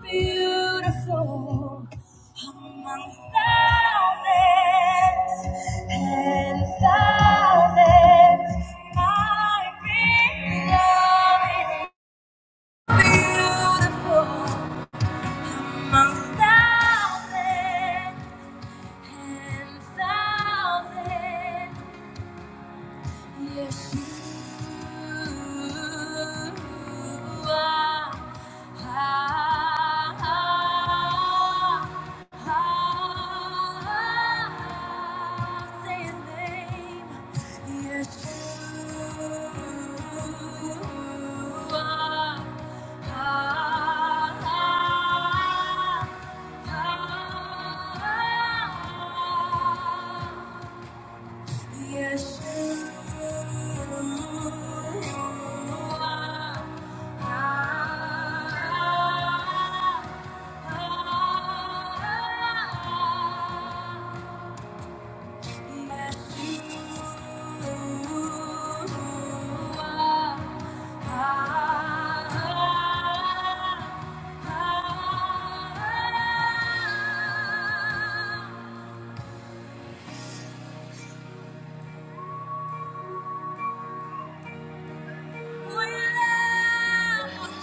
beautiful among thousands and thousands. My beloved beautiful among thousands and thousands. Yes, you are. Ah, ah, ah, say His name. Yes, you are. Ah, ah, ah, ah. We love you,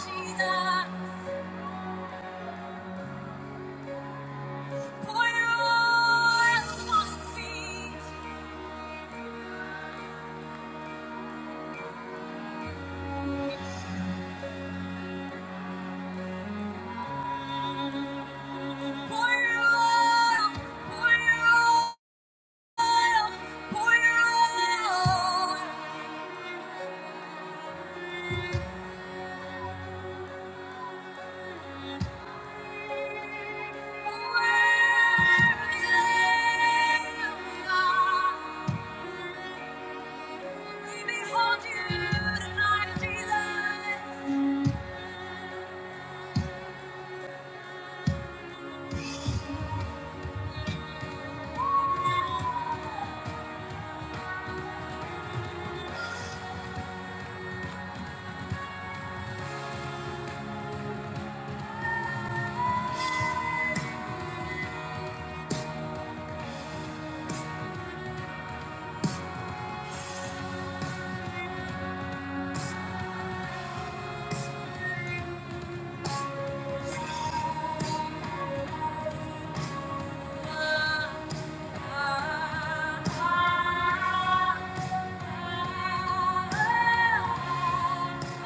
Jesus. Come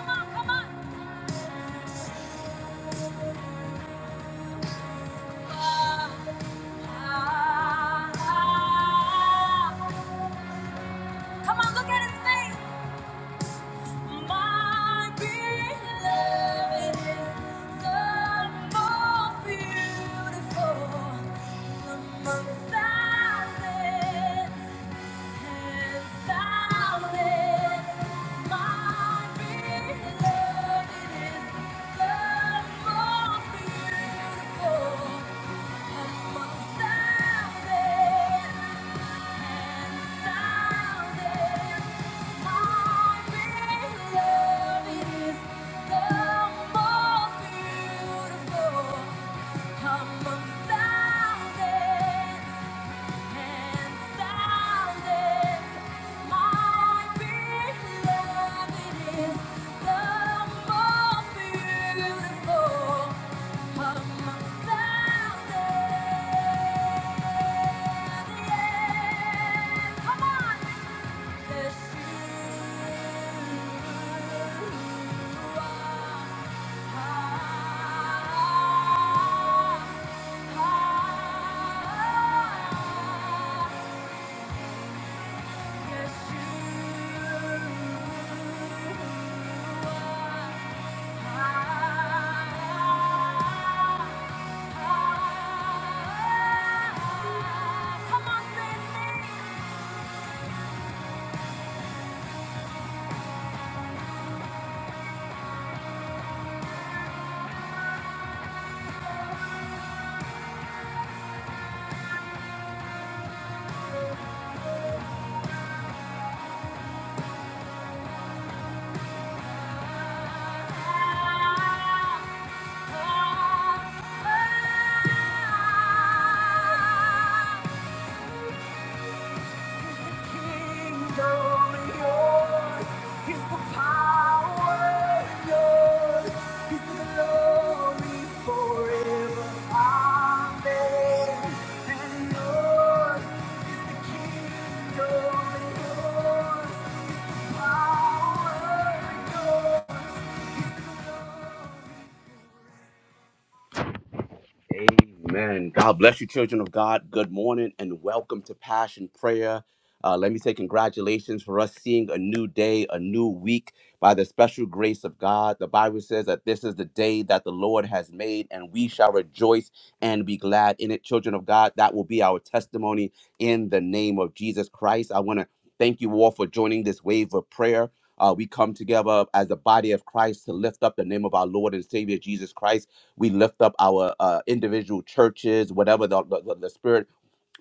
on, come on. Come on, look at his face. My beloved is the most beautiful among thousands and thousands. My beloved is the most beautiful among thousands. Come on! Come on, say it. Power yours. Amen. God bless you, children of God. Good morning and welcome to Passion Prayer. Uh, let me say congratulations for us seeing a new day, a new week by the special grace of God. The Bible says that this is the day that the Lord has made, and we shall rejoice and be glad in it, children of God. That will be our testimony in the name of Jesus Christ. I want to thank you all for joining this wave of prayer. Uh, we come together as the body of Christ to lift up the name of our Lord and Savior Jesus Christ. We lift up our uh, individual churches, whatever the, the, the the spirit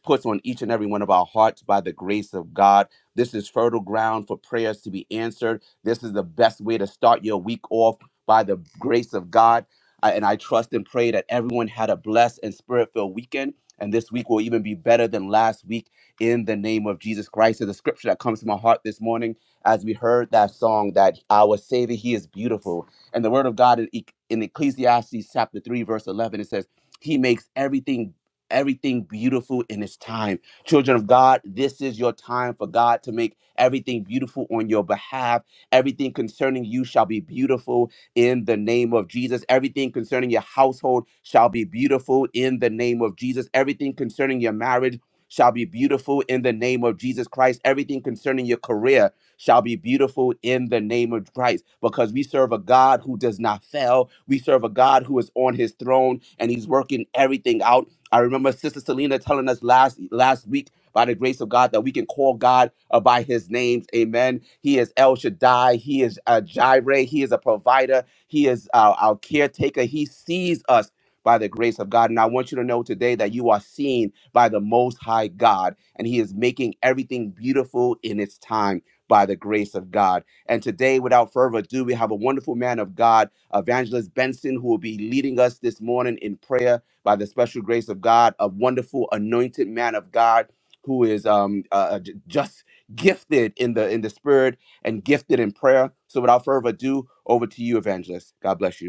puts on each and every one of our hearts by the grace of God. This is fertile ground for prayers to be answered. This is the best way to start your week off by the grace of God. I- and I trust and pray that everyone had a blessed and spirit filled weekend. And this week will even be better than last week in the name of Jesus Christ. So the scripture that comes to my heart this morning as we heard that song that our Savior, He is beautiful. And the word of God in, E- in Ecclesiastes chapter 3, verse 11, it says, He makes everything everything beautiful in its time. Children of God, this is your time for God to make everything beautiful on your behalf. Everything concerning you shall be beautiful in the name of Jesus. Everything concerning your household shall be beautiful in the name of Jesus. Everything concerning your marriage shall be beautiful in the name of Jesus Christ. Everything concerning your career shall be beautiful in the name of Christ because we serve a God who does not fail. We serve a God who is on his throne and he's working everything out. I remember Sister Selena telling us last last week by the grace of God that we can call God uh, by His names. Amen. He is El Shaddai. He is uh, Jireh. He is a provider. He is our, our caretaker. He sees us by the grace of God. And I want you to know today that you are seen by the Most High God, and He is making everything beautiful in its time by the grace of God. And today, without further ado, we have a wonderful man of God, Evangelist Benson, who will be leading us this morning in prayer by the special grace of God, a wonderful anointed man of God who is um, uh, uh, j- just gifted in the in the spirit and gifted in prayer. So without further ado, over to you, evangelist. God bless you.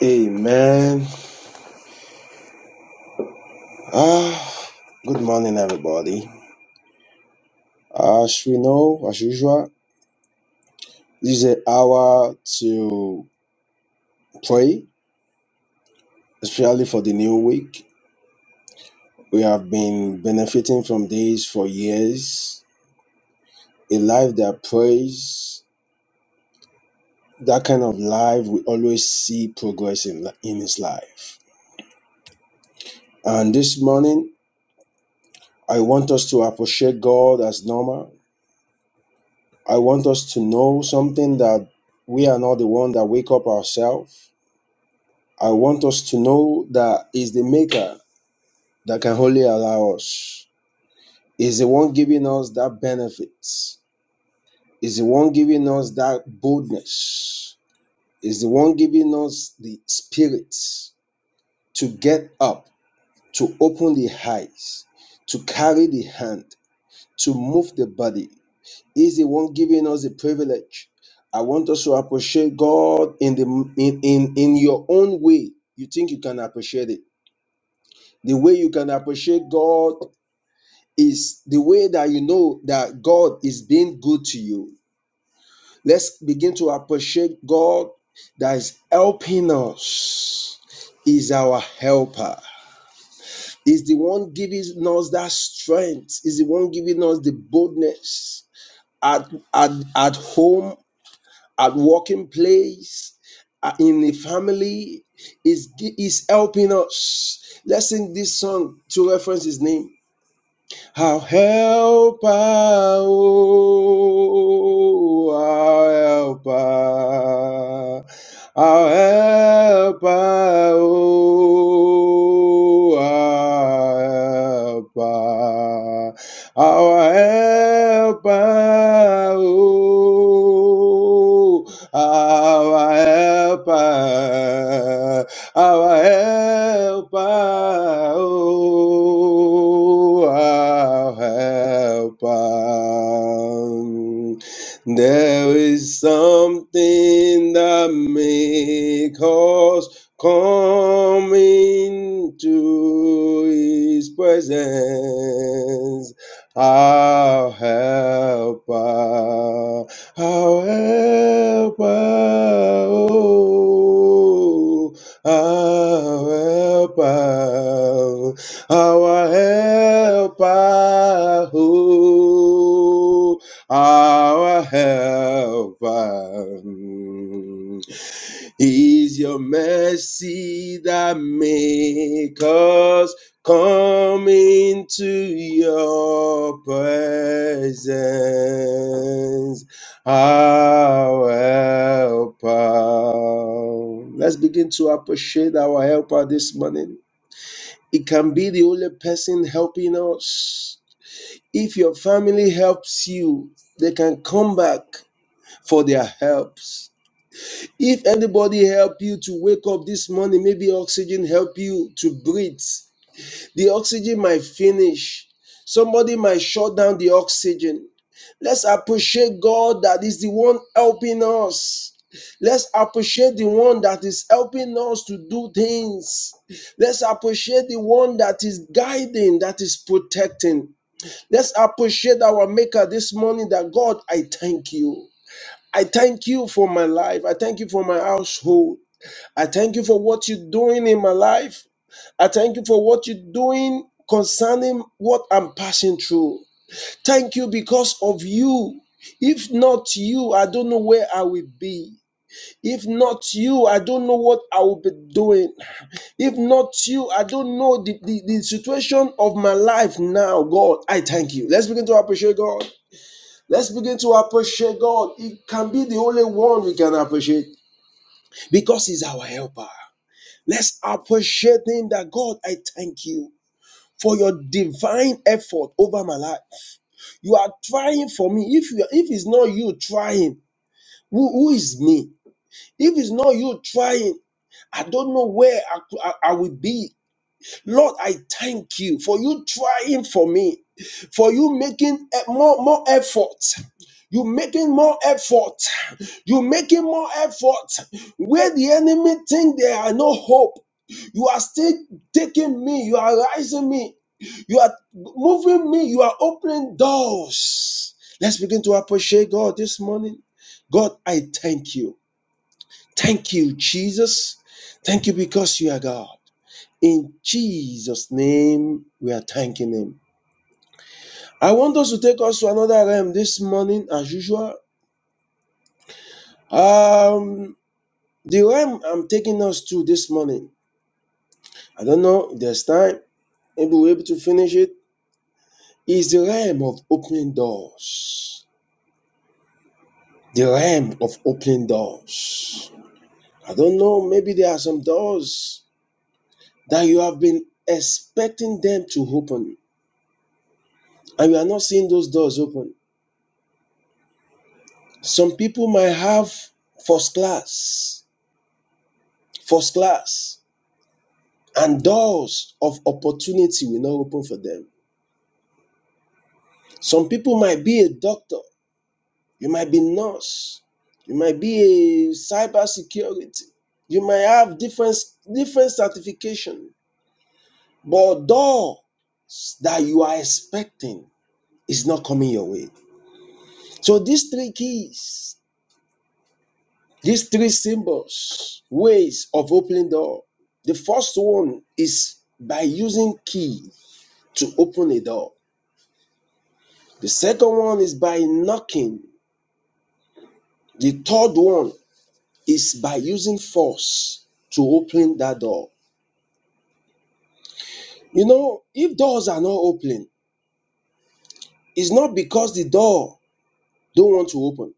Amen. Ah, good morning, everybody. As we know, as usual, this is an hour to pray, especially for the new week. We have been benefiting from this for years. A life that prays, that kind of life, we always see progress in, in his life. And this morning, I want us to appreciate God as normal. I want us to know something that we are not the one that wake up ourselves I want us to know that is the maker that can only allow us. Is the one giving us that benefit. Is the one giving us that boldness. Is the one giving us the spirit to get up, to open the eyes, to carry the hand, to move the body. Is the one giving us the privilege. I want us to appreciate God in the in, in, in your own way. You think you can appreciate it the way you can appreciate God is the way that you know that God is being good to you. Let's begin to appreciate God that is helping us, is our helper. Is the one giving us that strength, is the one giving us the boldness at, at, at home, at working place, uh, in the family, is, is helping us. Let's sing this song to reference his name. Our helper, oh, our helper, our helper, oh, our helper, our helper, oh, our our helper, our helper, oh, our helper. There is something that makes us come into His presence, our helper however, oh, however, our helper, oh, our helper. Is your mercy that make us come into your presence, our helper. Let's begin to appreciate our helper this morning. It can be the only person helping us. If your family helps you, they can come back for their helps if anybody help you to wake up this morning, maybe oxygen help you to breathe. The oxygen might finish. Somebody might shut down the oxygen. Let's appreciate God that is the one helping us. Let's appreciate the one that is helping us to do things. Let's appreciate the one that is guiding, that is protecting. Let's appreciate our Maker this morning that God, I thank you. I thank you for my life. I thank you for my household. I thank you for what you're doing in my life. I thank you for what you're doing concerning what I'm passing through. Thank you because of you. If not you, I don't know where I will be. If not you, I don't know what I will be doing. If not you, I don't know the, the, the situation of my life now. God, I thank you. Let's begin to appreciate God. Let's begin to appreciate God. It can be the only one we can appreciate because he's our helper. Let's appreciate him that God, I thank you for your divine effort over my life. You are trying for me. If you if it's not you trying, who, who is me? If it's not you trying, I don't know where I, I, I will be. Lord, I thank you for you trying for me, for you making e- more, more effort. You making more effort. You making more effort. Where the enemy think there are no hope. You are still taking me. You are rising me. You are moving me. You are opening doors. Let's begin to appreciate God this morning. God, I thank you. Thank you, Jesus. Thank you because you are God. In Jesus' name, we are thanking Him. I want us to take us to another realm this morning, as usual. Um, the realm I'm taking us to this morning. I don't know if there's time. Maybe we'll be able to finish it is the realm of opening doors. The realm of opening doors. I don't know, maybe there are some doors that you have been expecting them to open, and you are not seeing those doors open. Some people might have first class, first class, and doors of opportunity will not open for them. Some people might be a doctor, You might be nurse. You might be a cyber security. You might have different different certification. But door that you are expecting is not coming your way. So these three keys, these three symbols, ways of opening door. The first one is by using key to open a door. The second one is by knocking. The third one is by using force to open that door. You know, if doors are not opening, it's not because the door don't want to open.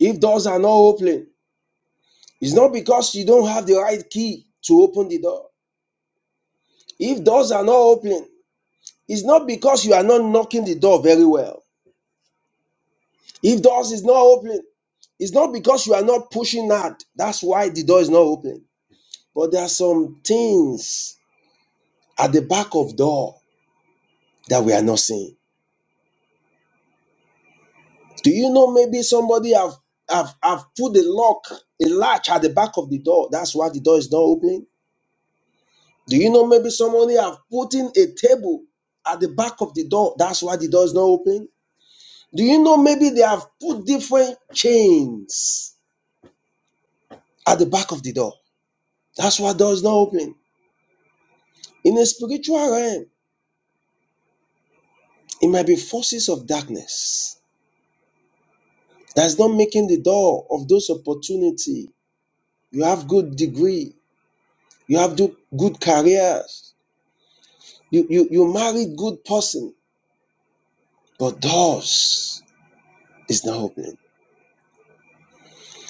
If doors are not opening, it's not because you don't have the right key to open the door. If doors are not opening, it's not because you are not knocking the door very well. If doors is not opening, it's not because you are not pushing hard. That's why the door is not opening. But there are some things at the back of door that we are not seeing Do you know maybe somebody have have have put a lock, a latch at the back of the door? That's why the door is not opening. Do you know maybe somebody have put in a table at the back of the door? That's why the door is not opening. Do you know maybe they have put different chains at the back of the door? That's why door is not opening. In a spiritual realm, it might be forces of darkness that's not making the door of those opportunity. You have good degree, you have do- good careers, You you you married good person, but doors is not opening.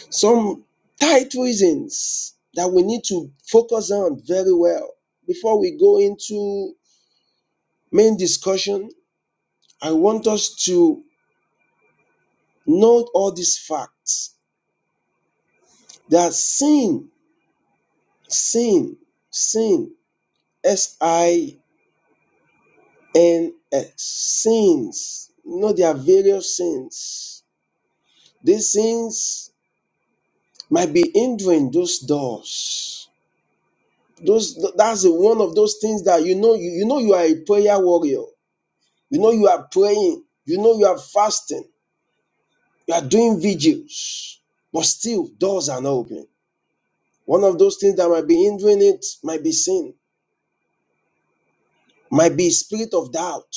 Some tight reasons that we need to focus on very well before we go into main discussion. I want us to note all these facts that sin, sin, sin, S I N S, sins. You know there are various sins. These sins might be hindering those doors Those th- that's the one of those things that you know you, you know you are a prayer warrior. You know you are praying. You know you are fasting. You are doing vigils, but still doors are not open. One of those things that might be hindering it might be sin, might be spirit of doubt,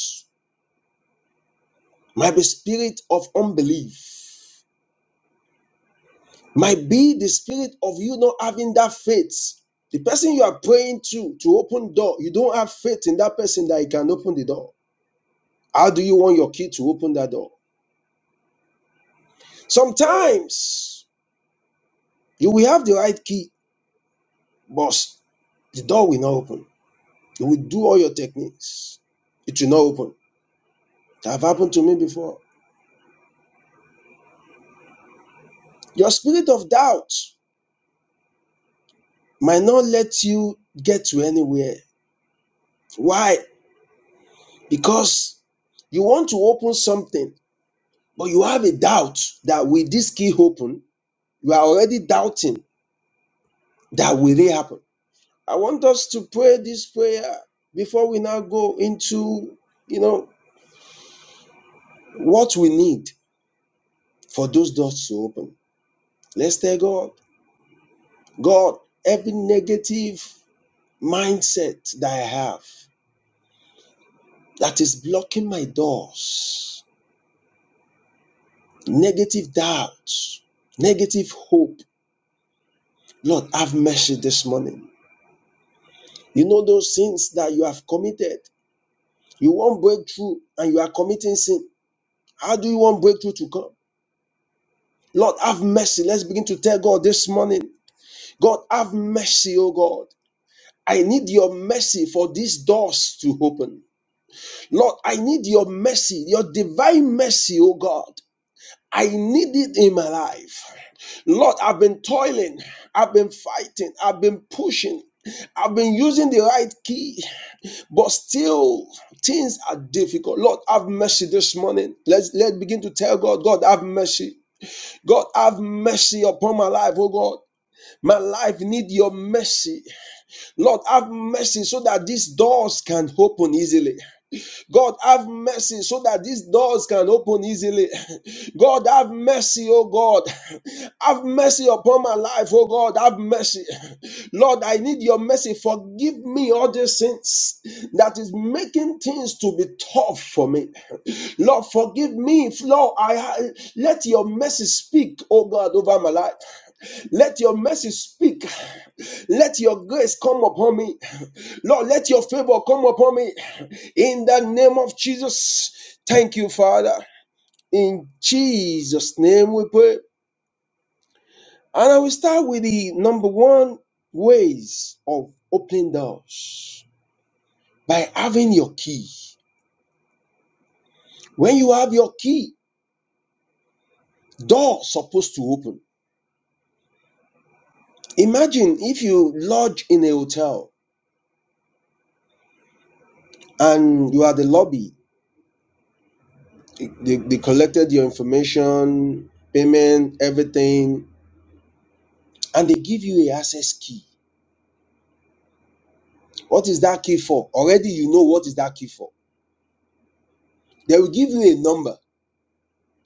might be spirit of unbelief might be the spirit of you not having that faith. The person you are praying to to open door, you don't have faith in that person that he can open the door. How do you want your kid to open that door? Sometimes you will have the right key, but the door will not open. You will do all your techniques, it will not open. That have happened to me before. Your spirit of doubt might not let you get to anywhere. Why? Because you want to open something, but you have a doubt that with this key open, you are already doubting that will it happen. I want us to pray this prayer before we now go into, you know, what we need for those doors to open. Let's tell God, God, every negative mindset that I have that is blocking my doors, negative doubt, negative hope, Lord, have mercy this morning. You know those sins that you have committed. You want breakthrough and you are committing sin. How do you want breakthrough to come? Lord, have mercy. Let's begin to tell God this morning. God, have mercy, oh God. I need your mercy for these doors to open. Lord, I need your mercy, your divine mercy, oh God. I need it in my life. Lord, I've been toiling, I've been fighting, I've been pushing, I've been using the right key, but still things are difficult. Lord, have mercy this morning. Let's let begin to tell God, God, have mercy. God, have mercy upon my life, oh God. My life need your mercy. Lord, have mercy so that these doors can open easily. God, have mercy so that these doors can open easily. God, have mercy, oh God. Have mercy upon my life, oh God. Have mercy. Lord, I need your mercy. Forgive me all the sins that is making things to be tough for me. Lord, forgive me. Lord, I, I let your mercy speak, oh God, over my life. Let your mercy speak. Let your grace come upon me. Lord, let your favor come upon me in the name of Jesus. Thank you, Father. In Jesus' name we pray. And I will start with the number one ways of opening doors by having your key. When you have your key, doors supposed to open. Imagine if you lodge in a hotel and you are the lobby. They, they collected your information, payment, everything, and they give you a access key. What is that key for? Already you know what is that key for. They will give you a number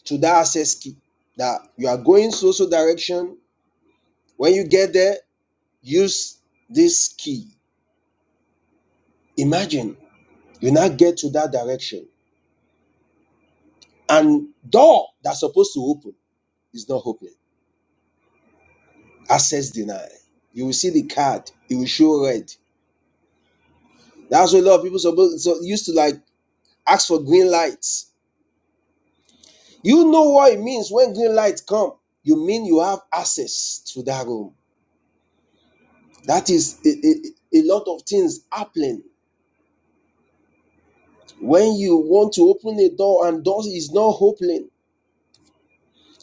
to that access key that you are going so so direction. When you get there, use this key. Imagine you now get to that direction and door that's supposed to open is not open. Access denied. You will see the card. It will show red. That's what a lot of people supposed so used to like ask for green lights. You know what it means when green lights come. You mean you have access to that room That is a, a, a lot of things happening. When you want to open a door and door is not opening,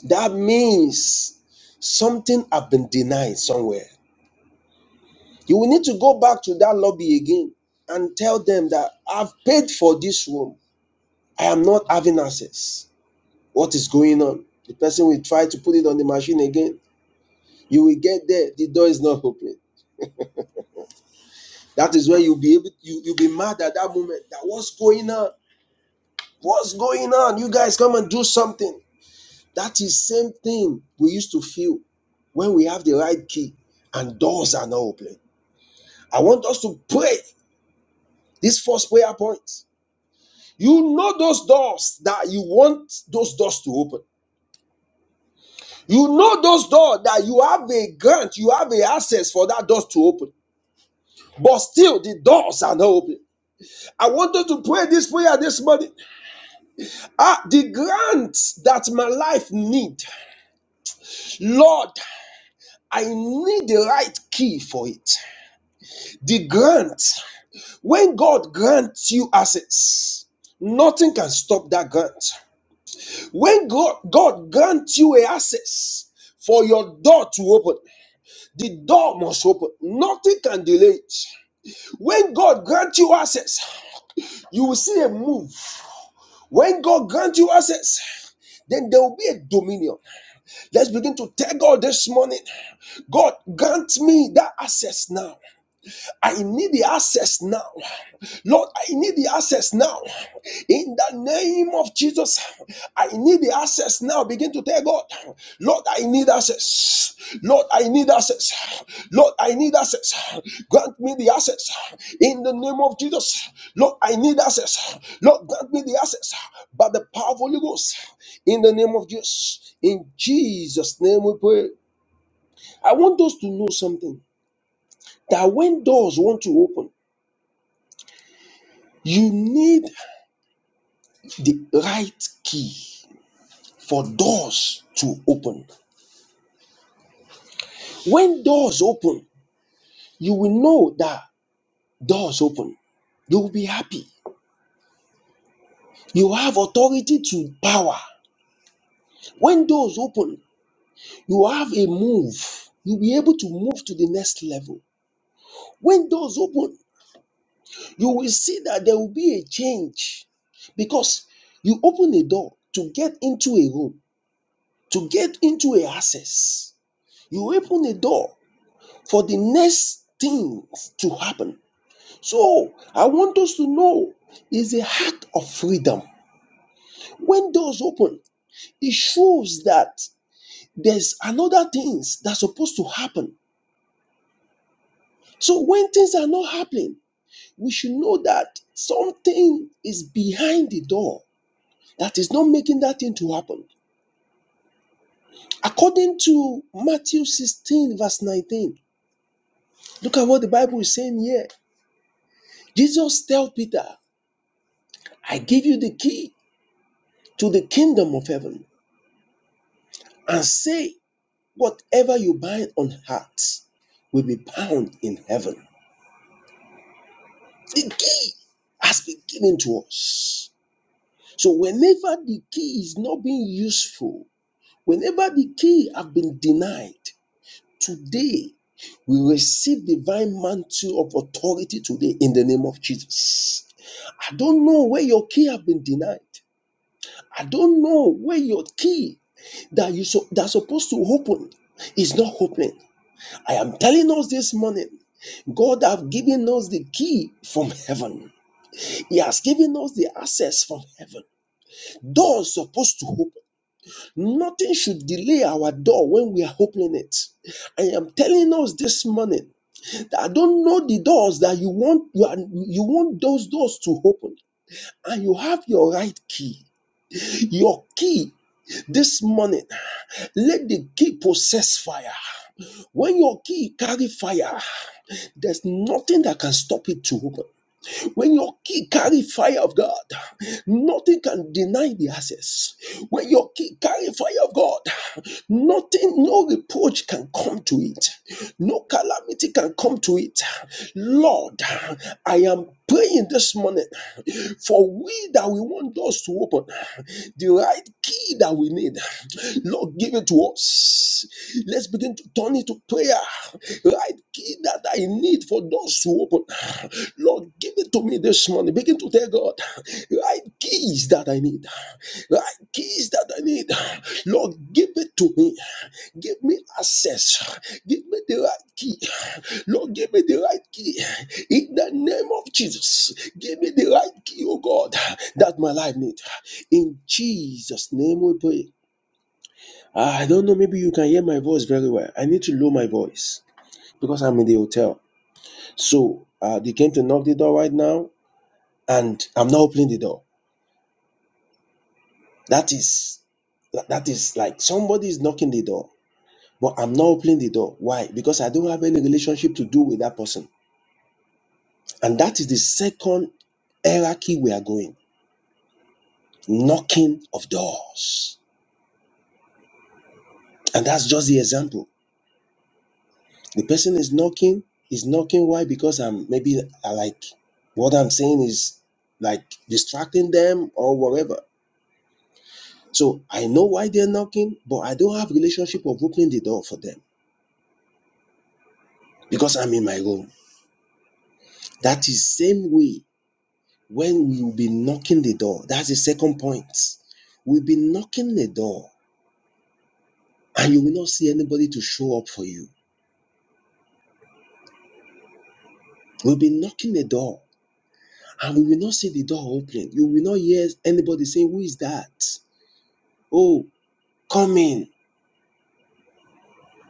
that means something has been denied somewhere. You will need to go back to that lobby again and tell them that I've paid for this room. I am not having access. What is going on? The person will try to put it on the machine again. You will get there, the door is not opening. That is when you'll be able you, you'll be mad at that moment. That what's going on? What's going on? You guys come and do something. That is same thing we used to feel when we have the right key and doors are not open. I want us to pray this first prayer point. You know those doors that you want those doors to open. You know those doors that you have a grant, you have a access for that doors to open. But still, the doors are not open. I want us to pray this prayer this morning. Ah, the grants that my life need, Lord, I need the right key for it. The grant, when God grants you access, nothing can stop that grant. When God, God grants you a access for your door to open, the door must open. Nothing can delay it. When God grants you access, you will see a move. When God grants you access, then there will be a dominion. Let's begin to tell God this morning God, grant me that access now. I need the access now. Lord, I need the access now. In the name of Jesus, I need the access now. Begin to tell God, Lord, I need access. Lord, I need access. Lord, I need access. Grant me the access. In the name of Jesus, Lord, I need access. Lord, grant me the access. By the power of Holy Ghost, in the name of Jesus, in Jesus' name we pray. I want us to know something that when doors want to open, You need the right key for doors to open. When doors open, you will know that doors open. You will be happy. You have authority to power. When doors open, you have a move. You'll be able to move to the next level. When doors open, you will see that there will be a change because you open a door to get into a room, to get into a access. You open a door for the next things to happen. So I want us to know is a heart of freedom. When doors open, it shows that there's another things that's supposed to happen. So when things are not happening, we should know that something is behind the door that is not making that thing to happen. According to Matthew 16, verse 19, look at what the Bible is saying here. Jesus tell Peter, I give you the key to the kingdom of heaven and say, Whatever you bind on earth will be bound in heaven. The key has been given to us. So whenever the key is not being useful, whenever the key have been denied, today we receive divine mantle of authority today in the name of Jesus. I don't know where your key have been denied. I don't know where your key that you so, that's supposed to open is not opening. I am telling us this morning, God have given us the key from heaven. He has given us the access from heaven. Doors supposed to open. Nothing should delay our door when we are opening it. I am telling us this morning that I don't know the doors that you want you, are, you want those doors to open and you have your right key. Your key this morning, let the key possess fire. When your key carry fire, there's nothing that can stop it to open. When your key carry fire of God, nothing can deny the access. When your key carry fire of God, nothing, no reproach can come to it. No calamity can come to it. Lord, I am praying this morning for we that we want doors to open, the right key that we need. Lord, give it to us. Let's begin to turn it to prayer right key that I need for doors to open. Lord, give it to me this morning. Begin to tell God, right keys that I need, right keys that I need. Lord, give it to me. Give me access. Give me the right key. Lord, give me the right key. In the name of Jesus, give me the right key, oh God, that my life needs. In Jesus' name we pray. I don't know, maybe you can hear my voice very well. I need to lower my voice because I'm in the hotel. So uh, they came to knock the door right now, and I'm not opening the door. That is that is like somebody is knocking the door, but I'm not opening the door. Why? Because I don't have any relationship to do with that person. And that is the second hierarchy we are going knocking of doors. And that's just the example. The person is knocking, is knocking. Why? Because I'm maybe I like what I'm saying is like distracting them or whatever So I know why they're knocking, but I don't have relationship of opening the door for them because I'm in my role. That is same way when we will be knocking the door. That's the second point. We'll be knocking the door and you will not see anybody to show up for you. We'll be knocking the door and we will not see the door opening. You will not hear anybody saying, Who is that? Oh, come in.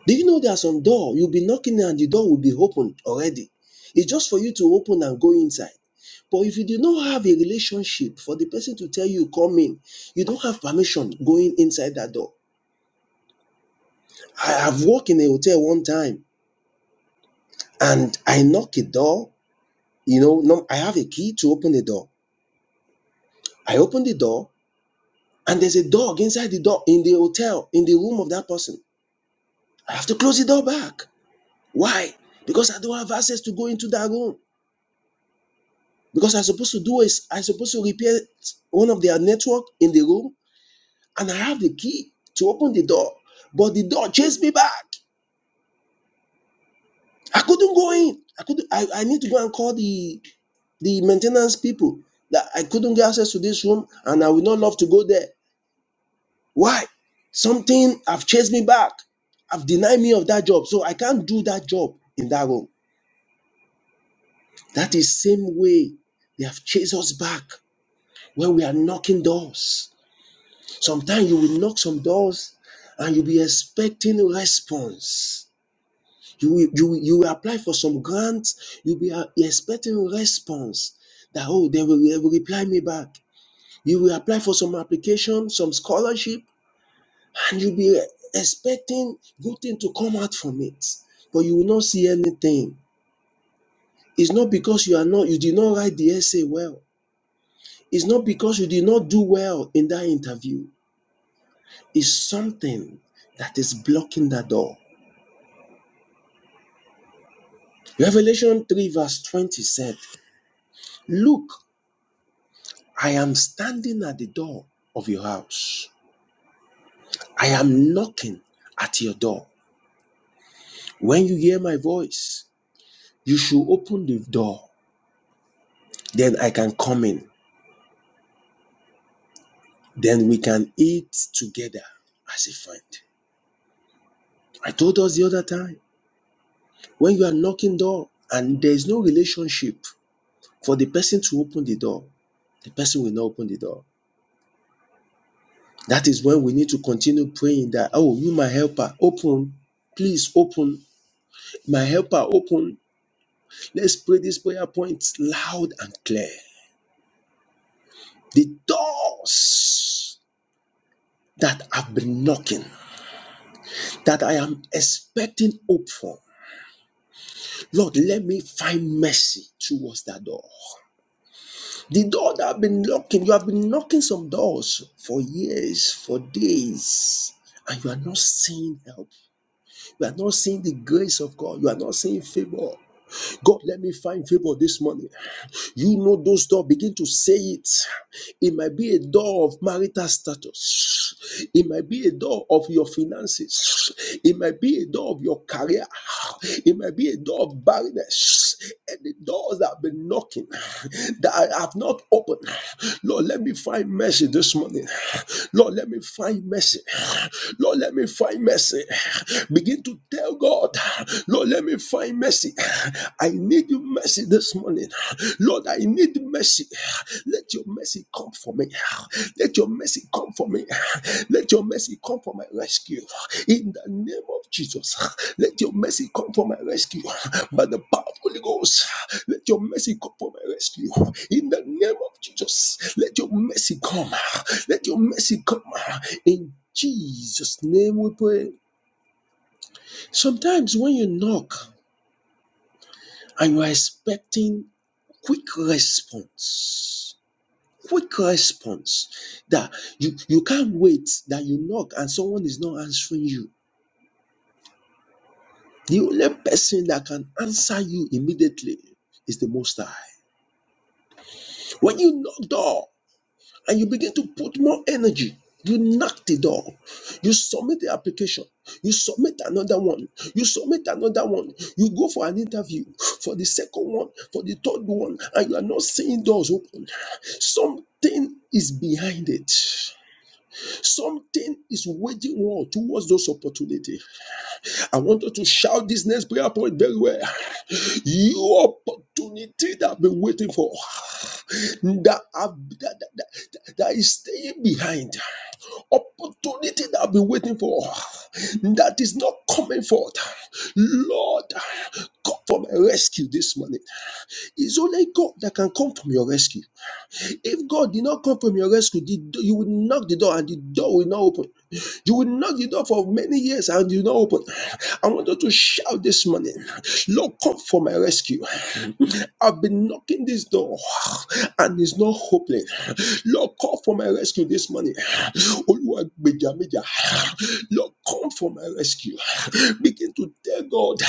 Do you know there are some door you'll be knocking and the door will be open already? It's just for you to open and go inside. But if you do not have a relationship for the person to tell you come in, you don't have permission going inside that door. I have worked in a hotel one time and I knock a door, you know, no, I have a key to open the door. I open the door and there's a dog inside the door in the hotel, in the room of that person. I have to close the door back. Why? Because I don't have access to go into that room. Because I'm supposed to do is I'm supposed to repair one of their network in the room, and I have the key to open the door. But the door chased me back. I couldn't go in. I could I, I need to go and call the the maintenance people that I couldn't get access to this room and I would not love to go there. Why? Something have chased me back. Have denied me of that job. So I can't do that job in that room. That is same way they have chased us back when we are knocking doors. Sometimes you will knock some doors and you'll be expecting a response. You will, you, will- you will apply for some grants, you'll be uh, expecting a response that, oh, they will, they will reply me back. You will apply for some application, some scholarship, and you'll be expecting good thing to come out from it, but you will not see anything. It's not because you are not, you did not write the essay well. It's not because you did not do well in that interview. It's something that is blocking that door Revelation 3, verse 20 said, Look, I am standing at the door of your house. I am knocking at your door. When you hear my voice, you should open the door. Then I can come in. Then we can eat together as a friend. I told us the other time when you are knocking door and there is no relationship for the person to open the door, the person will not open the door. That is when we need to continue praying that, oh, you, my helper, open. Please open. My helper, open. Let's pray this prayer point loud and clear. The doors that I've been knocking, that I am expecting hope from. Lord, let me find mercy towards that door. The door that I've been knocking, you have been knocking some doors for years, for days, and you are not seeing help. You are not seeing the grace of God. You are not seeing favor. God, let me find favor this morning. You know those doors, begin to say it. It might be a door of marital status, it might be a door of your finances, it might be a door of your career, it might be a door of barrenness. And the doors that have been knocking that I have not opened. Lord, let me find mercy this morning. Lord, let me find mercy. Lord, let me find mercy. Begin to tell God. Lord, let me find mercy. I need your mercy this morning. Lord, I need mercy. Let your mercy come for me. Let your mercy come for me. Let your mercy come for my rescue. In the name of Jesus, let your mercy come for my rescue. By the power of Holy Ghost, let your mercy come for my rescue. In the name of Jesus, let your mercy come. Let your mercy come. In Jesus' name we pray. Sometimes when you knock, and you are expecting quick response quick response that you you can't wait that you knock and someone is not answering you the only person that can answer you immediately is the most high when you knock door and you begin to put more energy. You knock the door. You submit the application. You submit another one. You submit another one. You go for an interview for the second one, for the third one, and you are not seeing doors open. Something is behind it. Something is waging war towards those opportunities. I want you to shout this next prayer point very well. Your opportunity that I've been waiting for, that, I've, that, that, that that is staying behind, opportunity that I've been waiting for, that is not coming forth. Lord, come for my rescue this morning. It's only God that can come from your rescue. If God did not come from your rescue, the you will knock the door and the door will not open. You will knock the door for many years and you will not open. I want you to shout this morning, Lord, come for my rescue. I've been knocking this door and it's not opening. Lord, come for my rescue this morning. Olúwa gbèjà mi jà. Lord, come for my rescue. Begin to tell God,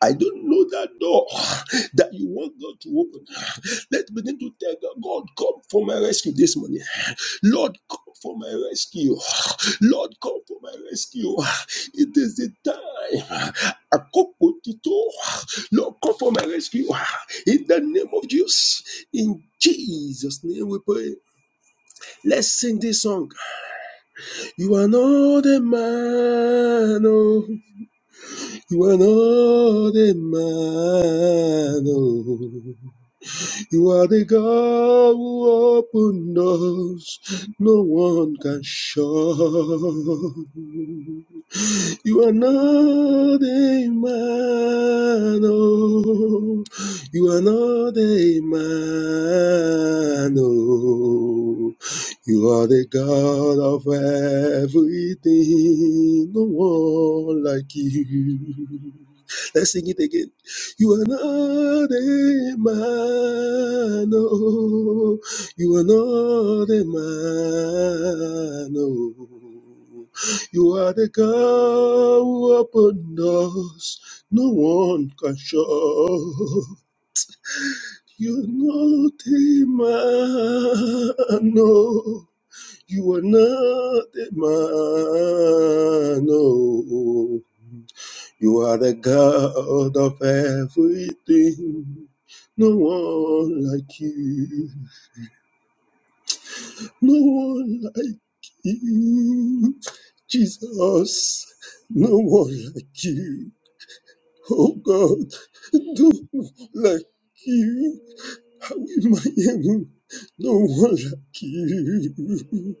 I don't know that door that you want God to open. Let's begin to tell God, God, come for my rescue this morning. Lord, come for my rescue. Lord, come for my rescue. It is the time. Akoko tito. Lord, come for my rescue. In the name of Jesus. In Jesus' name we pray. Let's sing this song. You are not a man. Oh. You are not a man. Oh. You are the God who opened doors no one can shut. You are not a man, oh. You are not a man, oh. You are the God of everything, no one like you. Let's sing it again. You are not a man, oh. You are not a man, oh. You are the God who opened doors no one can shut. You're not a man, no. You are not a man, no. You are the God of everything. No one like you. No one like you. Jesus, no one like you. Oh God, no one like you. How am I ever? No one like you.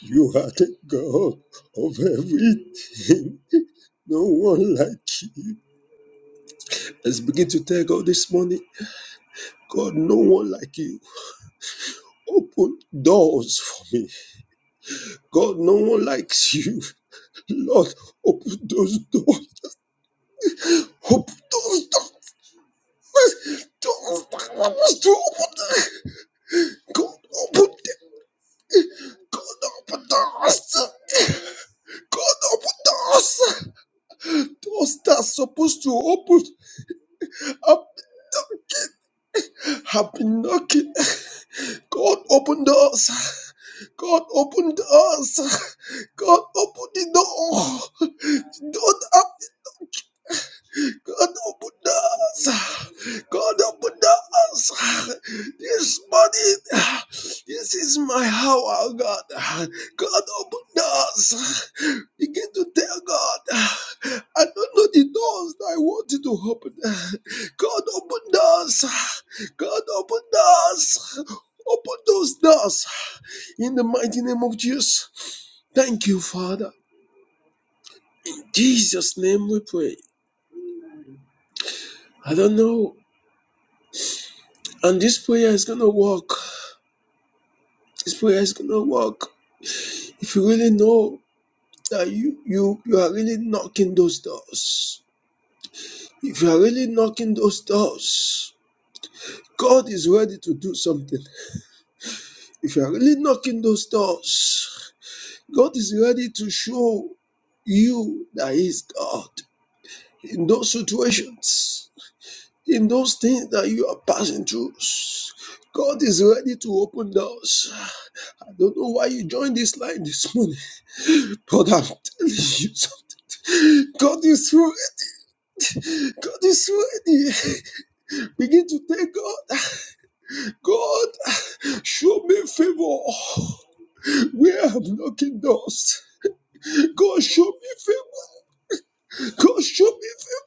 You are the God of everything. No one like you. Let's begin to tell God this morning. God, no one like you. Open doors for me. God, no one likes you. Lord, open those doors. Open those doors. Doors that I was to open. God, open them. God, open doors. God open doors. Doors that's supposed to open up have been knocking. God open doors. God open doors. God open the door. The door that God open doors. God open doors. This morning, this is my hour, God. God open doors. Begin to tell God, I don't know the doors that I want you to open. God open doors. God open doors. Open those doors in the mighty name of Jesus. Thank you, Father. In Jesus' name we pray. I don't know And this prayer is gonna work. This prayer is gonna work. If you really know that you you you are really knocking those doors. If you are really knocking those doors, God is ready to do something. If you are really knocking those doors, God is ready to show you that He is God in those situations, in those things that you are passing through. God is ready to open doors. I don't know why you joined this line this morning. God have telling you something. God is ready. God is ready. Begin to thank God. God, show me favor where I'm knocking doors. God, show me favor. God, show me favor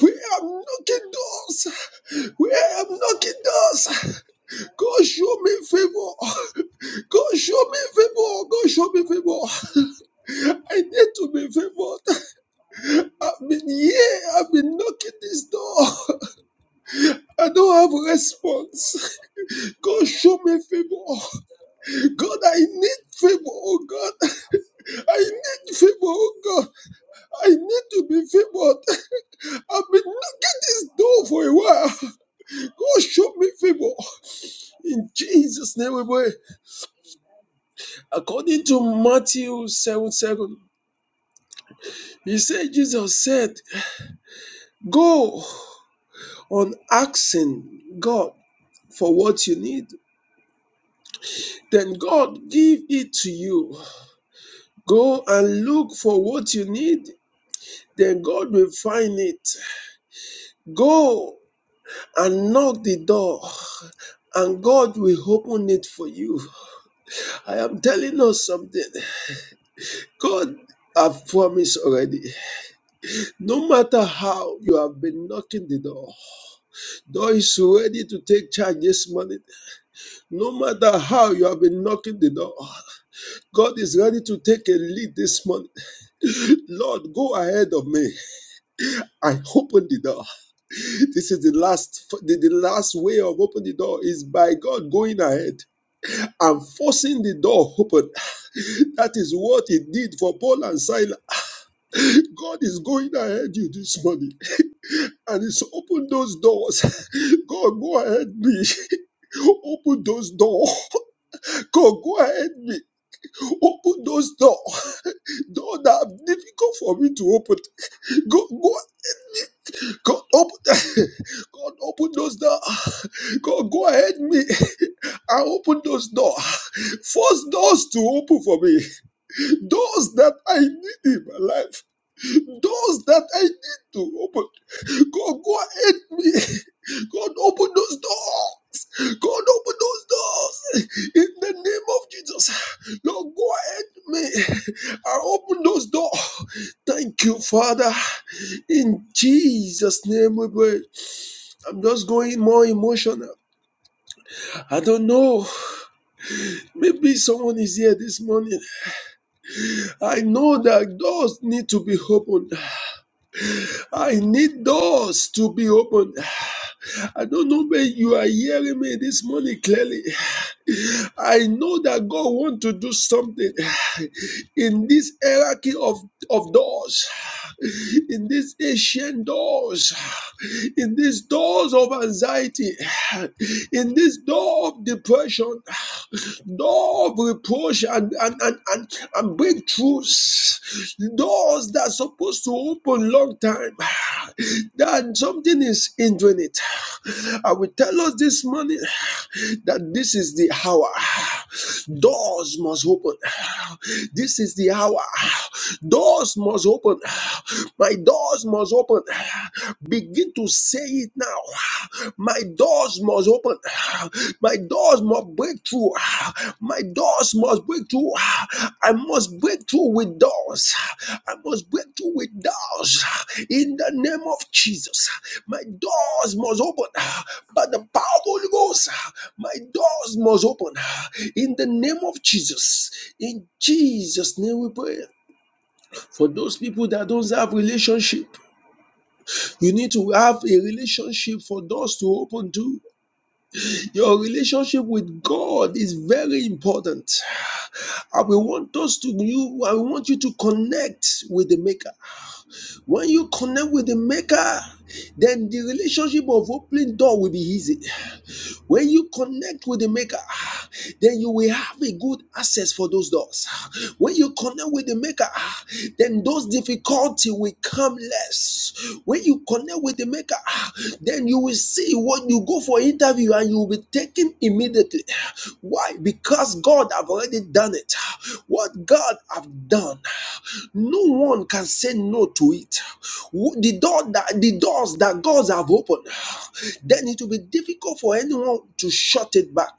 where I'm knocking doors. Where I'm knocking doors. God, show me favor. God, show me favor. God, show me favor. I need to be favored. I've been here. I've been knocking this door. I don't have a response. God, show me favor. oh God, I need favor. Oh God, I need favor. Oh God, I need to be favored. I've been knocking this door for a while. God, show me favor. In Jesus' name, we pray. According to Matthew 7 7, he said, Jesus said, Go on asking God for what you need, then God give it to you. Go and look for what you need, then God will find it. Go and knock the door, and God will open it for you. I am telling us something. God have promised already. No matter how you have been knocking the door, door is ready to take charge this morning. No matter how you have been knocking the door, God is ready to take a lead this morning. Lord, go ahead of me. I open the door. This is the last the, the last way of opening the door is by God going ahead. and forcing the door open. that is what he did for Paul and Silas. God is going ahead you this morning and it's open those doors. God, go ahead me. Open those doors. God, go ahead me. Open those doors. Doors that are difficult for me to open. Go, go, God, open. God, open those doors. God, go ahead me. I open those doors. Force doors to open for me. Doors that I need in my life. Doors that I need to open. God, go ahead me. God, open those doors. God, open those doors. In the name of Jesus. Lord, go ahead me. I open those doors. Thank you, Father. In Jesus' name we pray. I'm just going more emotional. I don't know. Maybe someone is here this morning. I know that doors need to be opened. I need doors to be opened. I don't know where you are hearing me this morning clearly. I know that God wants to do something in this hierarchy of, of doors in these ancient doors, in these doors of anxiety, in this door of depression, door of reproach and, and, and, and, and breakthroughs, doors that are supposed to open long time, that something is hindering it. I will tell us this morning that this is the hour. Doors must open. This is the hour. Doors doors must open. My doors must open. Begin to say it now. My doors must open. My doors must break through. My doors must break through. I must break through with doors. I must break through with doors. In the name of Jesus, my doors must open. By the power of the Holy Ghost, my doors must open. In the name of Jesus, in Jesus' name we pray. For those people that don't have relationship, you need to have a relationship for doors to open to. Your relationship with God is very important. I will want us to you, I want you to connect with the maker. When you connect with the maker, then the relationship of opening door will be easy. When you connect with the maker, ah, then you will have a good access for those doors. When you connect with the maker, ah, then those difficulty will come less. When you connect with the maker, ah, then you will see what you go for interview and you will be taken immediately. Why? Because God have already done it. What God have done no one can say no to it the door that the doors that god have opened then it will be difficult for anyone to shut it back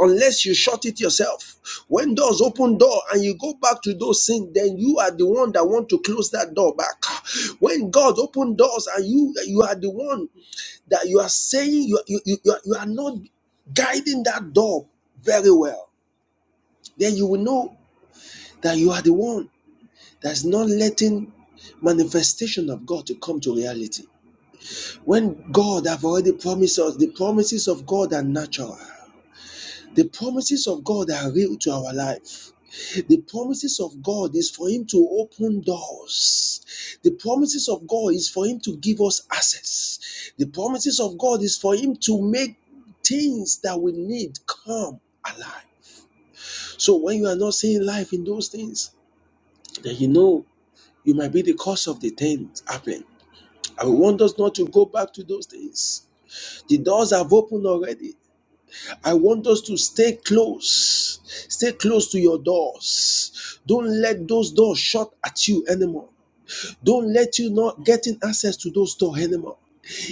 unless you shut it yourself when doors open door and you go back to those things then you are the one that want to close that door back when god open doors and you you are the one that you are saying you, you, you, you are you are not guiding that door very well then you will know that you are the one that's not letting manifestation of God to come to reality. When God have already promised us, the promises of God are natural. The promises of God are real to our life. The promises of God is for Him to open doors. The promises of God is for Him to give us access. The promises of God is for Him to make things that we need come alive. So when you are not seeing life in those things, then you know you might be the cause of the things happening. I want us not to go back to those things. The doors have opened already. I want us to stay close. Stay close to your doors. Don't let those doors shut at you anymore. Don't let you not getting access to those doors anymore.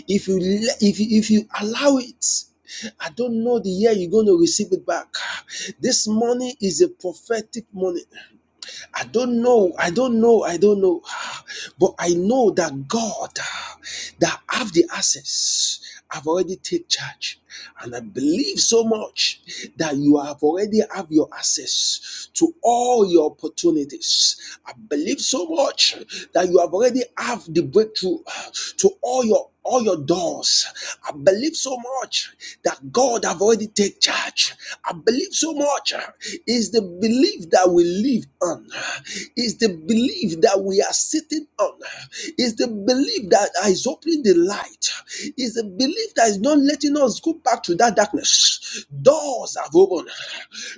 If you if you, if you allow it, I don't know the year you're going to receive it back. This money is a prophetic money. I don't know, I don't know, I don't know. But I know that God that have the access have already take charge. And I believe so much that you have already have your access to all your opportunities. I believe so much that you have already have the breakthrough to all your all your open doors. I believe so much that God have already take charge. I believe so much is the belief that we live on, is the belief that we are sitting on, is the belief that is opening the light, is the belief that is not letting us go back to that darkness. Doors have opened.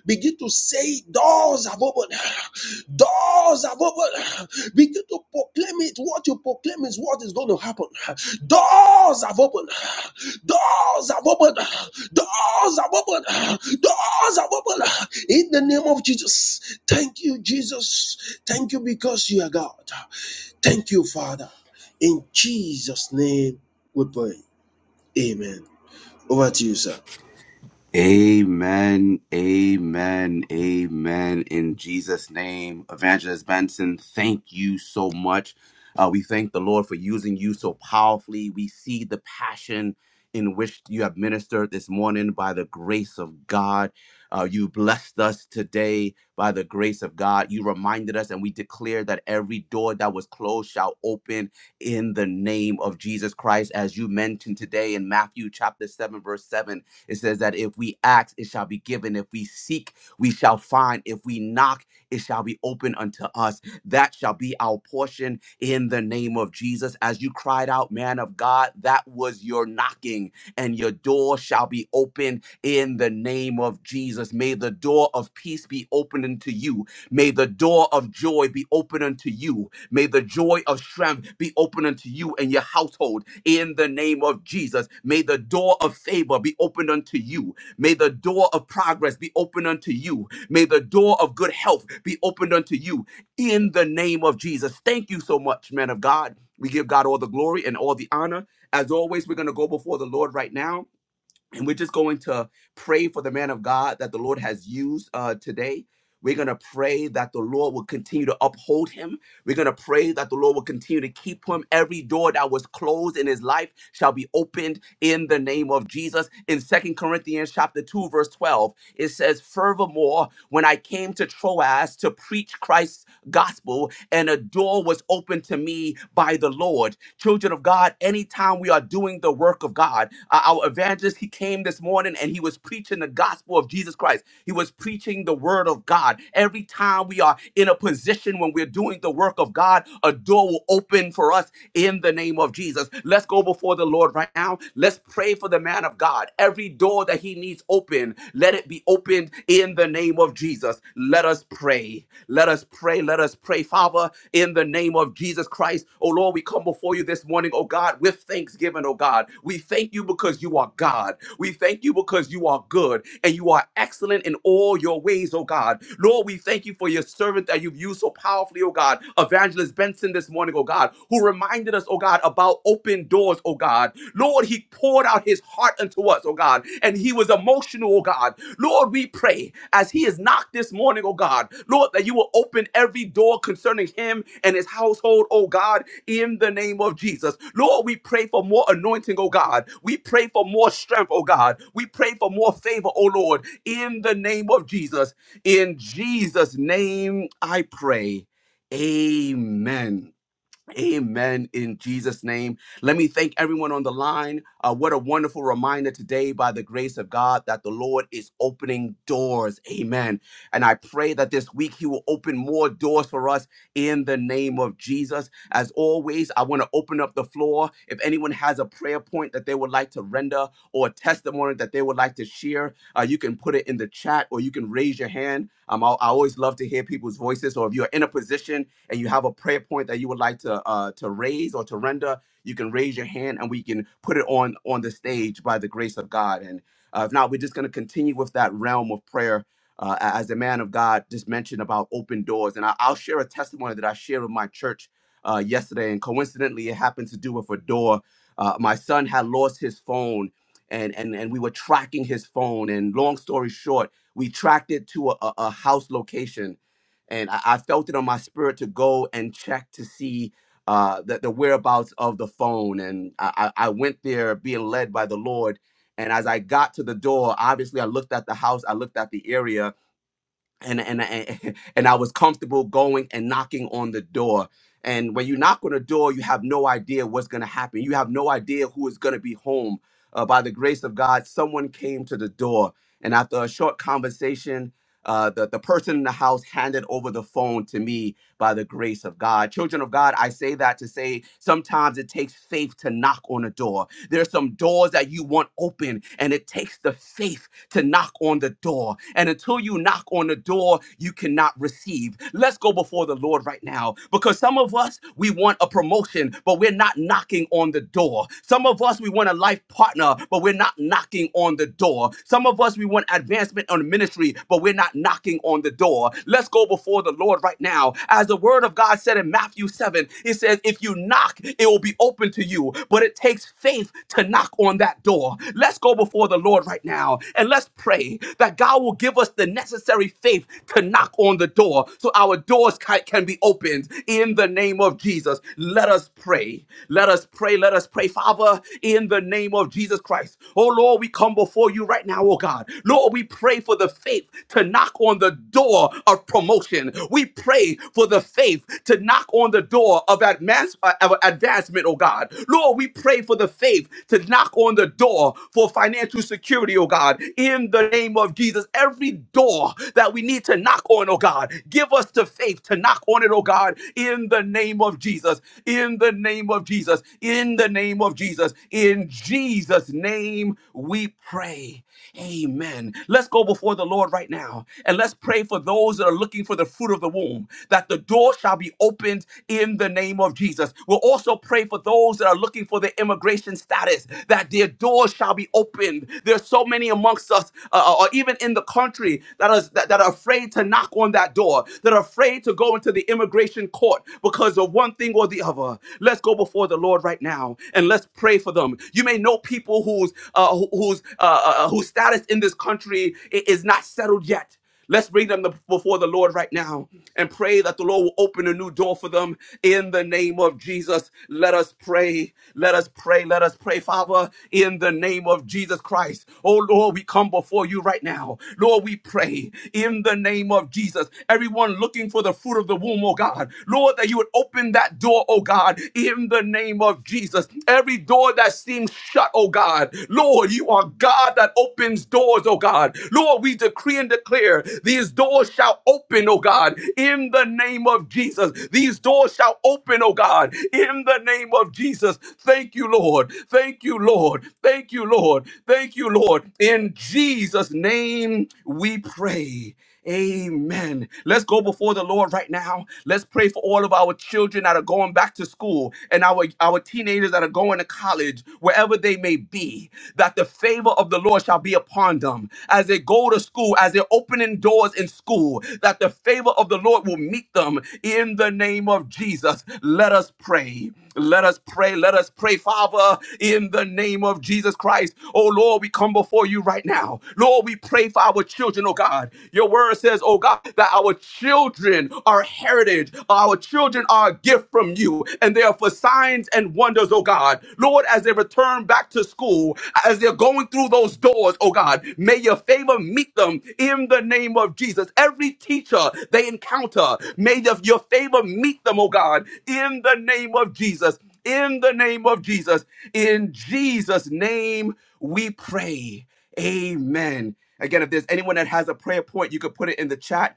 Begin to say, Doors have opened. Doors have opened. Begin to proclaim it. What you proclaim is what is going to happen. Doors have opened. Doors have opened. Doors have opened. Doors have opened. In the name of Jesus. Thank you, Jesus. Thank you because you are God. Thank you, Father. In Jesus' name we pray. Amen. Over to you, sir. Amen, amen, amen. In Jesus' name, Evangelist Benson, thank you so much. Uh, we thank the Lord for using you so powerfully. We see the passion in which you have ministered this morning by the grace of God. Uh, you blessed us today by the grace of God. You reminded us, and we declare that every door that was closed shall open in the name of Jesus Christ, as you mentioned today in Matthew chapter 7, verse 7 it says that if we ask, it shall be given. If we seek, we shall find. If we knock, it shall be open unto us. That shall be our portion in the name of Jesus. As you cried out, man of God, that was your knocking, and your door shall be open in the name of Jesus. May the door of peace be opened unto you. May the door of joy be open unto you. May the joy of strength be open unto you and your household in the name of Jesus. May the door of favor be opened unto you. May the door of progress be opened unto you. May the door of good health be opened unto you in the name of Jesus. Thank you so much, man of God. We give God all the glory and all the honor. As always, we're going to go before the Lord right now and we're just going to pray for the man of God that the Lord has used uh, today. We're going to pray that the Lord will continue to uphold him. We're going to pray that the Lord will continue to keep him. Every door that was closed in his life shall be opened in the name of Jesus. In Second Corinthians chapter 2 verse 12, it says, "Furthermore, when I came to Troas to preach Christ gospel, and a door was opened to me by the Lord. Children of God, anytime we are doing the work of God, uh, our evangelist, he came this morning and he was preaching the gospel of Jesus Christ. He was preaching the word of God. Every time we are in a position when we're doing the work of God, a door will open for us in the name of Jesus. Let's go before the Lord right now. Let's pray for the man of God. Every door that he needs open, let it be opened in the name of Jesus. Jesus. Let us pray. Let us pray. Let us pray, Father, in the name of Jesus Christ. Oh Lord, we come before you this morning, oh God, with thanksgiving, oh God. We thank you because you are God. We thank you because you are good and you are excellent in all your ways, oh God. Lord, we thank you for your servant that you've used so powerfully, oh God. Evangelist Benson this morning, oh God, who reminded us, oh God, about open doors, oh God. Lord, he poured out his heart unto us, oh God, and he was emotional, oh God. Lord, we pray as he is knocked this morning, oh God, Lord, that you will open every door concerning him and his household, oh God, in the name of Jesus. Lord, we pray for more anointing, oh God. We pray for more strength, oh God. We pray for more favor, oh Lord, in the name of Jesus. In Jesus' name I pray. Amen. Amen in Jesus' name. Let me thank everyone on the line. Uh, what a wonderful reminder today, by the grace of God, that the Lord is opening doors. Amen. And I pray that this week He will open more doors for us in the name of Jesus. As always, I want to open up the floor. If anyone has a prayer point that they would like to render or a testimony that they would like to share, uh, you can put it in the chat or you can raise your hand. Um, I I always love to hear people's voices. Or if you're in a position, and you have a prayer point that you would like to uh, to raise or to render, you can raise your hand and we can put it on on the stage by the grace of God. And uh, if not, we're just going to continue with that realm of prayer. Uh, a- as the man of God just mentioned about open doors, and I, I'll share a testimony that I shared with my church uh, yesterday, and coincidentally, it happened to do with a door. Uh, my son had lost his phone, and and and we were tracking his phone. And long story short, we tracked it to a, a a house location, and I, I felt it on my spirit to go and check to see uh, the, the whereabouts of the phone. And I, I I went there being led by the Lord. And as I got to the door, obviously I looked at the house, I looked at the area, and and I- and I was comfortable going and knocking on the door. And when you knock on the door, you have no idea what's going to happen. You have no idea who is going to be home. Uh, by the grace of God, someone came to the door, and after a short conversation, uh, the the person in the house handed over the phone to me. By the grace of God, children of God, I say that to say sometimes it takes faith to knock on a door. There's some doors that you want open, and it takes the faith to knock on the door. And until you knock on the door, you cannot receive. Let's go before the Lord right now because some of us, we want a promotion, but we're not knocking on the door. Some of us, we want a life partner, but we're not knocking on the door. Some of us, we want advancement on ministry, but we're not knocking on the door. Let's go before the Lord right now. As the word of God said in Matthew 7, it says, If you knock, it will be open to you, but it takes faith to knock on that door. Let's go before the Lord right now. And let's pray that God will give us the necessary faith to knock on the door so our doors ca- can be opened in the name of Jesus. Let us pray. Let us pray. Let us pray, Father, in the name of Jesus Christ. Oh Lord, we come before you right now, oh God. Lord, we pray for the faith to knock on the door of promotion. We pray for the faith to knock on the door of, advance, uh, of advancement, oh God. Lord, we pray for the faith to knock on the door for financial security, oh oh God, in the name of Jesus. Every door that we need to knock on, oh God, give us the faith to knock on it, oh God, in the name of Jesus, in the name of Jesus, in the name of Jesus, in Jesus' name we pray. Amen. Let's go before the Lord right now and let's pray for those that are looking for the fruit of the womb, that the door shall be opened in the name of Jesus. We'll also pray for those that are looking for their immigration status, that their doors shall be opened. There's so many amongst us, uh, uh, or even in the country, that are, that, that are afraid to knock on that door, that are afraid to go into the immigration court because of one thing or the other. Let's go before the Lord right now and let's pray for the for them. You may know people whose uh, who- whose uh, uh, uh, whose status in this country i- is not settled yet. Let's bring them the- before the Lord right now and pray that the Lord will open a new door for them in the name of Jesus. Let us pray. Let us pray. Let us pray, Father, in the name of Jesus Christ. Oh Lord, we come before you right now. Lord, we pray in the name of Jesus. Everyone looking for the fruit of the womb, oh God. Lord, that you would open that door door, oh God, in the name of Jesus. Every door that seems shut, oh God. Lord, you are God that opens doors, oh God. Lord, we decree and declare these doors shall open, oh God, in the name of Jesus. These doors shall open, oh God, in the name of Jesus. Thank you, Lord. Thank you, Lord. Thank you, Lord. Thank you, Lord. In Jesus' name we pray. Amen. Let's go before the Lord right now. Let's pray for all of our children that are going back to school and our, our teenagers that are going to college, wherever they may be, that the favor of the Lord shall be upon them as they go to school, as they're opening doors in school, that the favor of the Lord will meet them in the name of Jesus. Let us pray. Let us pray. Let us pray, Father, in the name of Jesus Christ. Oh Lord, we come before you right now. Lord. Lord, we pray for our children, oh God. Your word says, oh God, that our children are heritage, our children are a gift from you, and they are for signs and wonders, oh God. Lord, as they return back to school, as they're going through those doors, oh God, may your favor meet them in the name of Jesus. Every teacher they encounter, may the- your favor meet them, oh God, in the name of Jesus. In the name of Jesus. In Jesus' name we pray. Amen. Again, if there's anyone that has a prayer point, you could put it in the chat.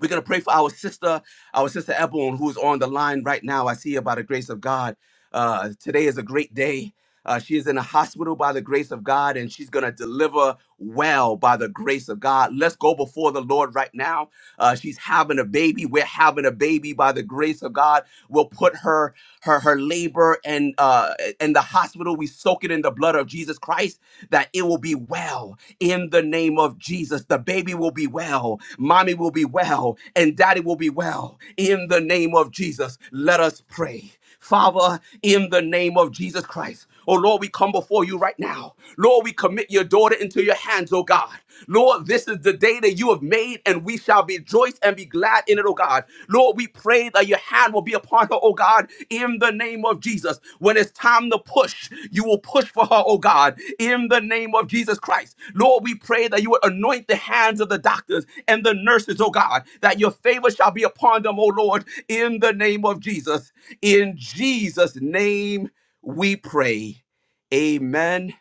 We're going to pray for our sister, our sister Ebon, who's on the line right now. I see her by the grace of God. Uh, today is a great day. Uh, she is in a hospital by the grace of God, and she's going to deliver well by the grace of God. Let's go before the Lord right now uh, she's having a baby. We're having a baby by the grace of God. We'll put her her her labor and uh in the hospital. We soak it in the blood of Jesus Christ that it will be well in the name of Jesus. The baby will be well, mommy will be well, and daddy will be well in the name of Jesus. Let us pray. Father, in the name of Jesus Christ. Oh Lord, we come before you right now. Lord, we commit your daughter into your hands, oh God. Lord, this is the day that you have made, and we shall rejoice and be glad in it, oh God. Lord, we pray that your hand will be upon her, oh God, in the name of Jesus. When it's time to push, you will push for her, oh God, in the name of Jesus Christ. Lord, we pray that you would anoint the hands of the doctors and the nurses, oh God, that your favor shall be upon them, oh Lord, in the name of Jesus. In Jesus' name we pray. Amen.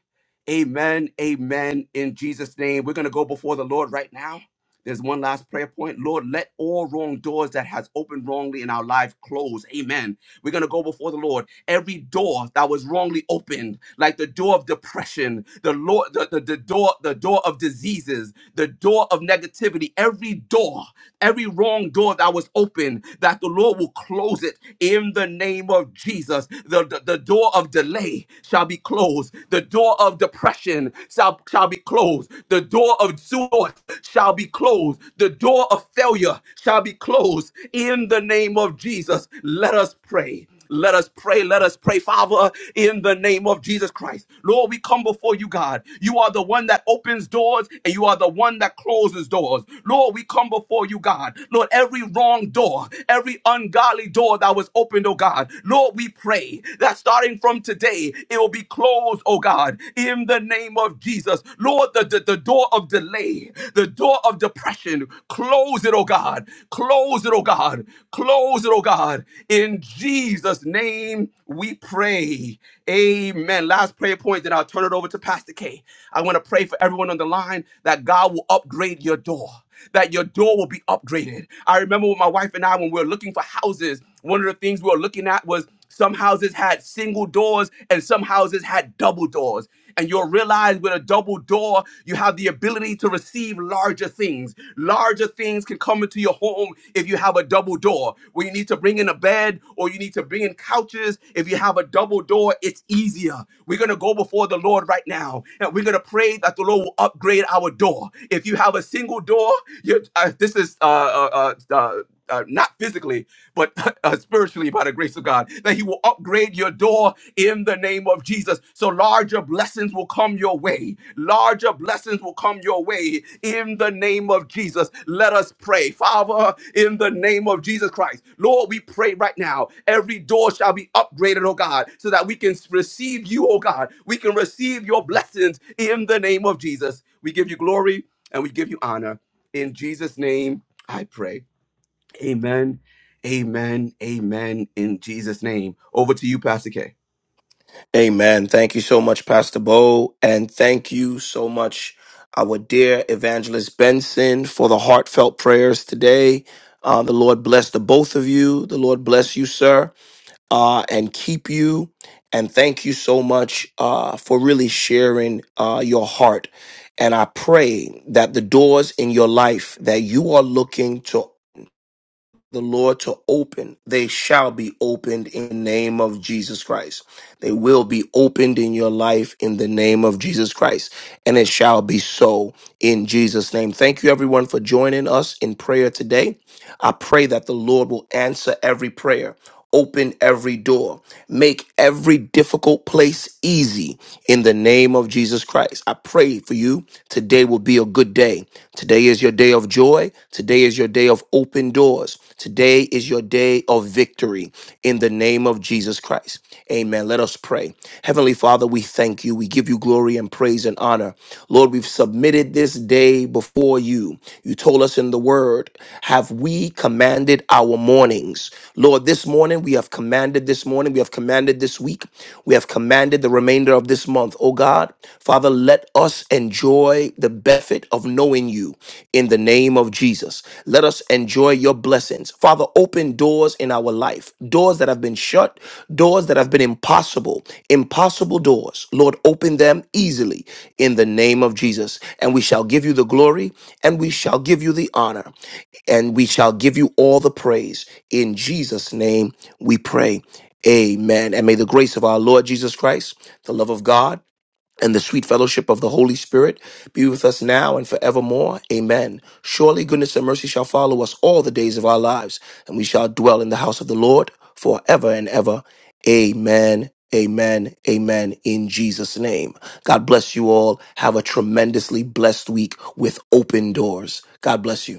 Amen. Amen. In Jesus' name, we're going to go before the Lord right now. There's one last prayer point. Lord, let all wrong doors that has opened wrongly in our life close. Amen. We're going to go before the Lord. Every door that was wrongly opened, like the door of depression, the Lord, the, the, the door, the door of diseases, the door of negativity, every door, every wrong door that was open, that the Lord will close it in the name of Jesus. The, the, the door of delay shall be closed. The door of depression shall, shall be closed closed. The door of doors shall be closed. The door of failure shall be closed. In the name of Jesus, let us pray. Let us pray. Let us pray, Father, in the name of Jesus Christ. Lord, we come before you, God. You are the one that opens doors and you are the one that closes doors. Lord, we come before you, God. Lord, every wrong door, every ungodly door that was opened, oh God. Lord, we pray that starting from today, it will be closed, oh God oh God, in the name of Jesus. Lord, the, the, the door of delay, the door of depression, close it, oh God. Close it, oh God. Close it, oh God. In Jesus' name we pray. Amen. Last prayer point, then I'll turn it over to Pastor K. I want to pray for everyone on the line that God will upgrade your door that your door will be upgraded. I remember with my wife and I, when we were looking for houses, one of the things we were looking at was some houses had single doors and some houses had double doors. And you'll realize with a double door, you have the ability to receive larger things. Larger things can come into your home if you have a double door. When you need to bring in a bed or you need to bring in couches, if you have a double door, it's easier. We're going to go before the Lord right now and we're going to pray that the Lord will upgrade our door. If you have a single door, you uh, this is uh, uh, uh, uh, uh, not physically, but uh, spiritually by the grace of God, that He will upgrade your door in the name of Jesus. So larger blessings will come your way. Larger blessings will come your way in the name of Jesus. Let us pray. Father, in the name of Jesus Christ, Lord, we pray right now. Every door shall be upgraded, oh God, so that we can receive you, oh God. We can receive your blessings in the name of Jesus. We give you glory and we give you honor. In Jesus' name, I pray. Amen. Amen. Amen. In Jesus' name. Over to you, Pastor K. Amen. Thank you so much, Pastor Bo. And thank you so much, our dear evangelist Benson, for the heartfelt prayers today. Uh, the Lord bless the both of you. The Lord bless you, sir, uh, and keep you. And thank you so much uh, for really sharing uh, your heart. And I pray that the doors in your life that you are looking to the Lord to open, they shall be opened in the name of Jesus Christ. They will be opened in your life in the name of Jesus Christ, and it shall be so in Jesus' name. Thank you, everyone, for joining us in prayer today. I pray that the Lord will answer every prayer. Open every door. Make every difficult place easy in the name of Jesus Christ. I pray for you Today will be a good day. Today is your day of joy. Today is your day of open doors. Today is your day of victory in the name of Jesus Christ. Amen. Let us pray. Heavenly Father, we thank you. We give you glory and praise and honor. Lord, we've submitted this day before you. You told us in the word, have we commanded our mornings? Lord, this morning we have commanded this morning, we have commanded this week, we have commanded the remainder of this month. Oh God, Father, let us enjoy the benefit of knowing you in the name of Jesus. Let us enjoy your blessings. Father, open doors in our life, doors that have been shut, doors that have been impossible, impossible doors. Lord, open them easily in the name of Jesus. And we shall give you the glory and we shall give you the honor and we shall give you all the praise. In Jesus' name we pray. Amen. And may the grace of our Lord Jesus Christ, the love of God, and the sweet fellowship of the Holy Spirit be with us now and forevermore. Amen. Surely goodness and mercy shall follow us all the days of our lives, and we shall dwell in the house of the Lord forever and ever. Amen. Amen. Amen. In Jesus' name. God bless you all. Have a tremendously blessed week with open doors. God bless you.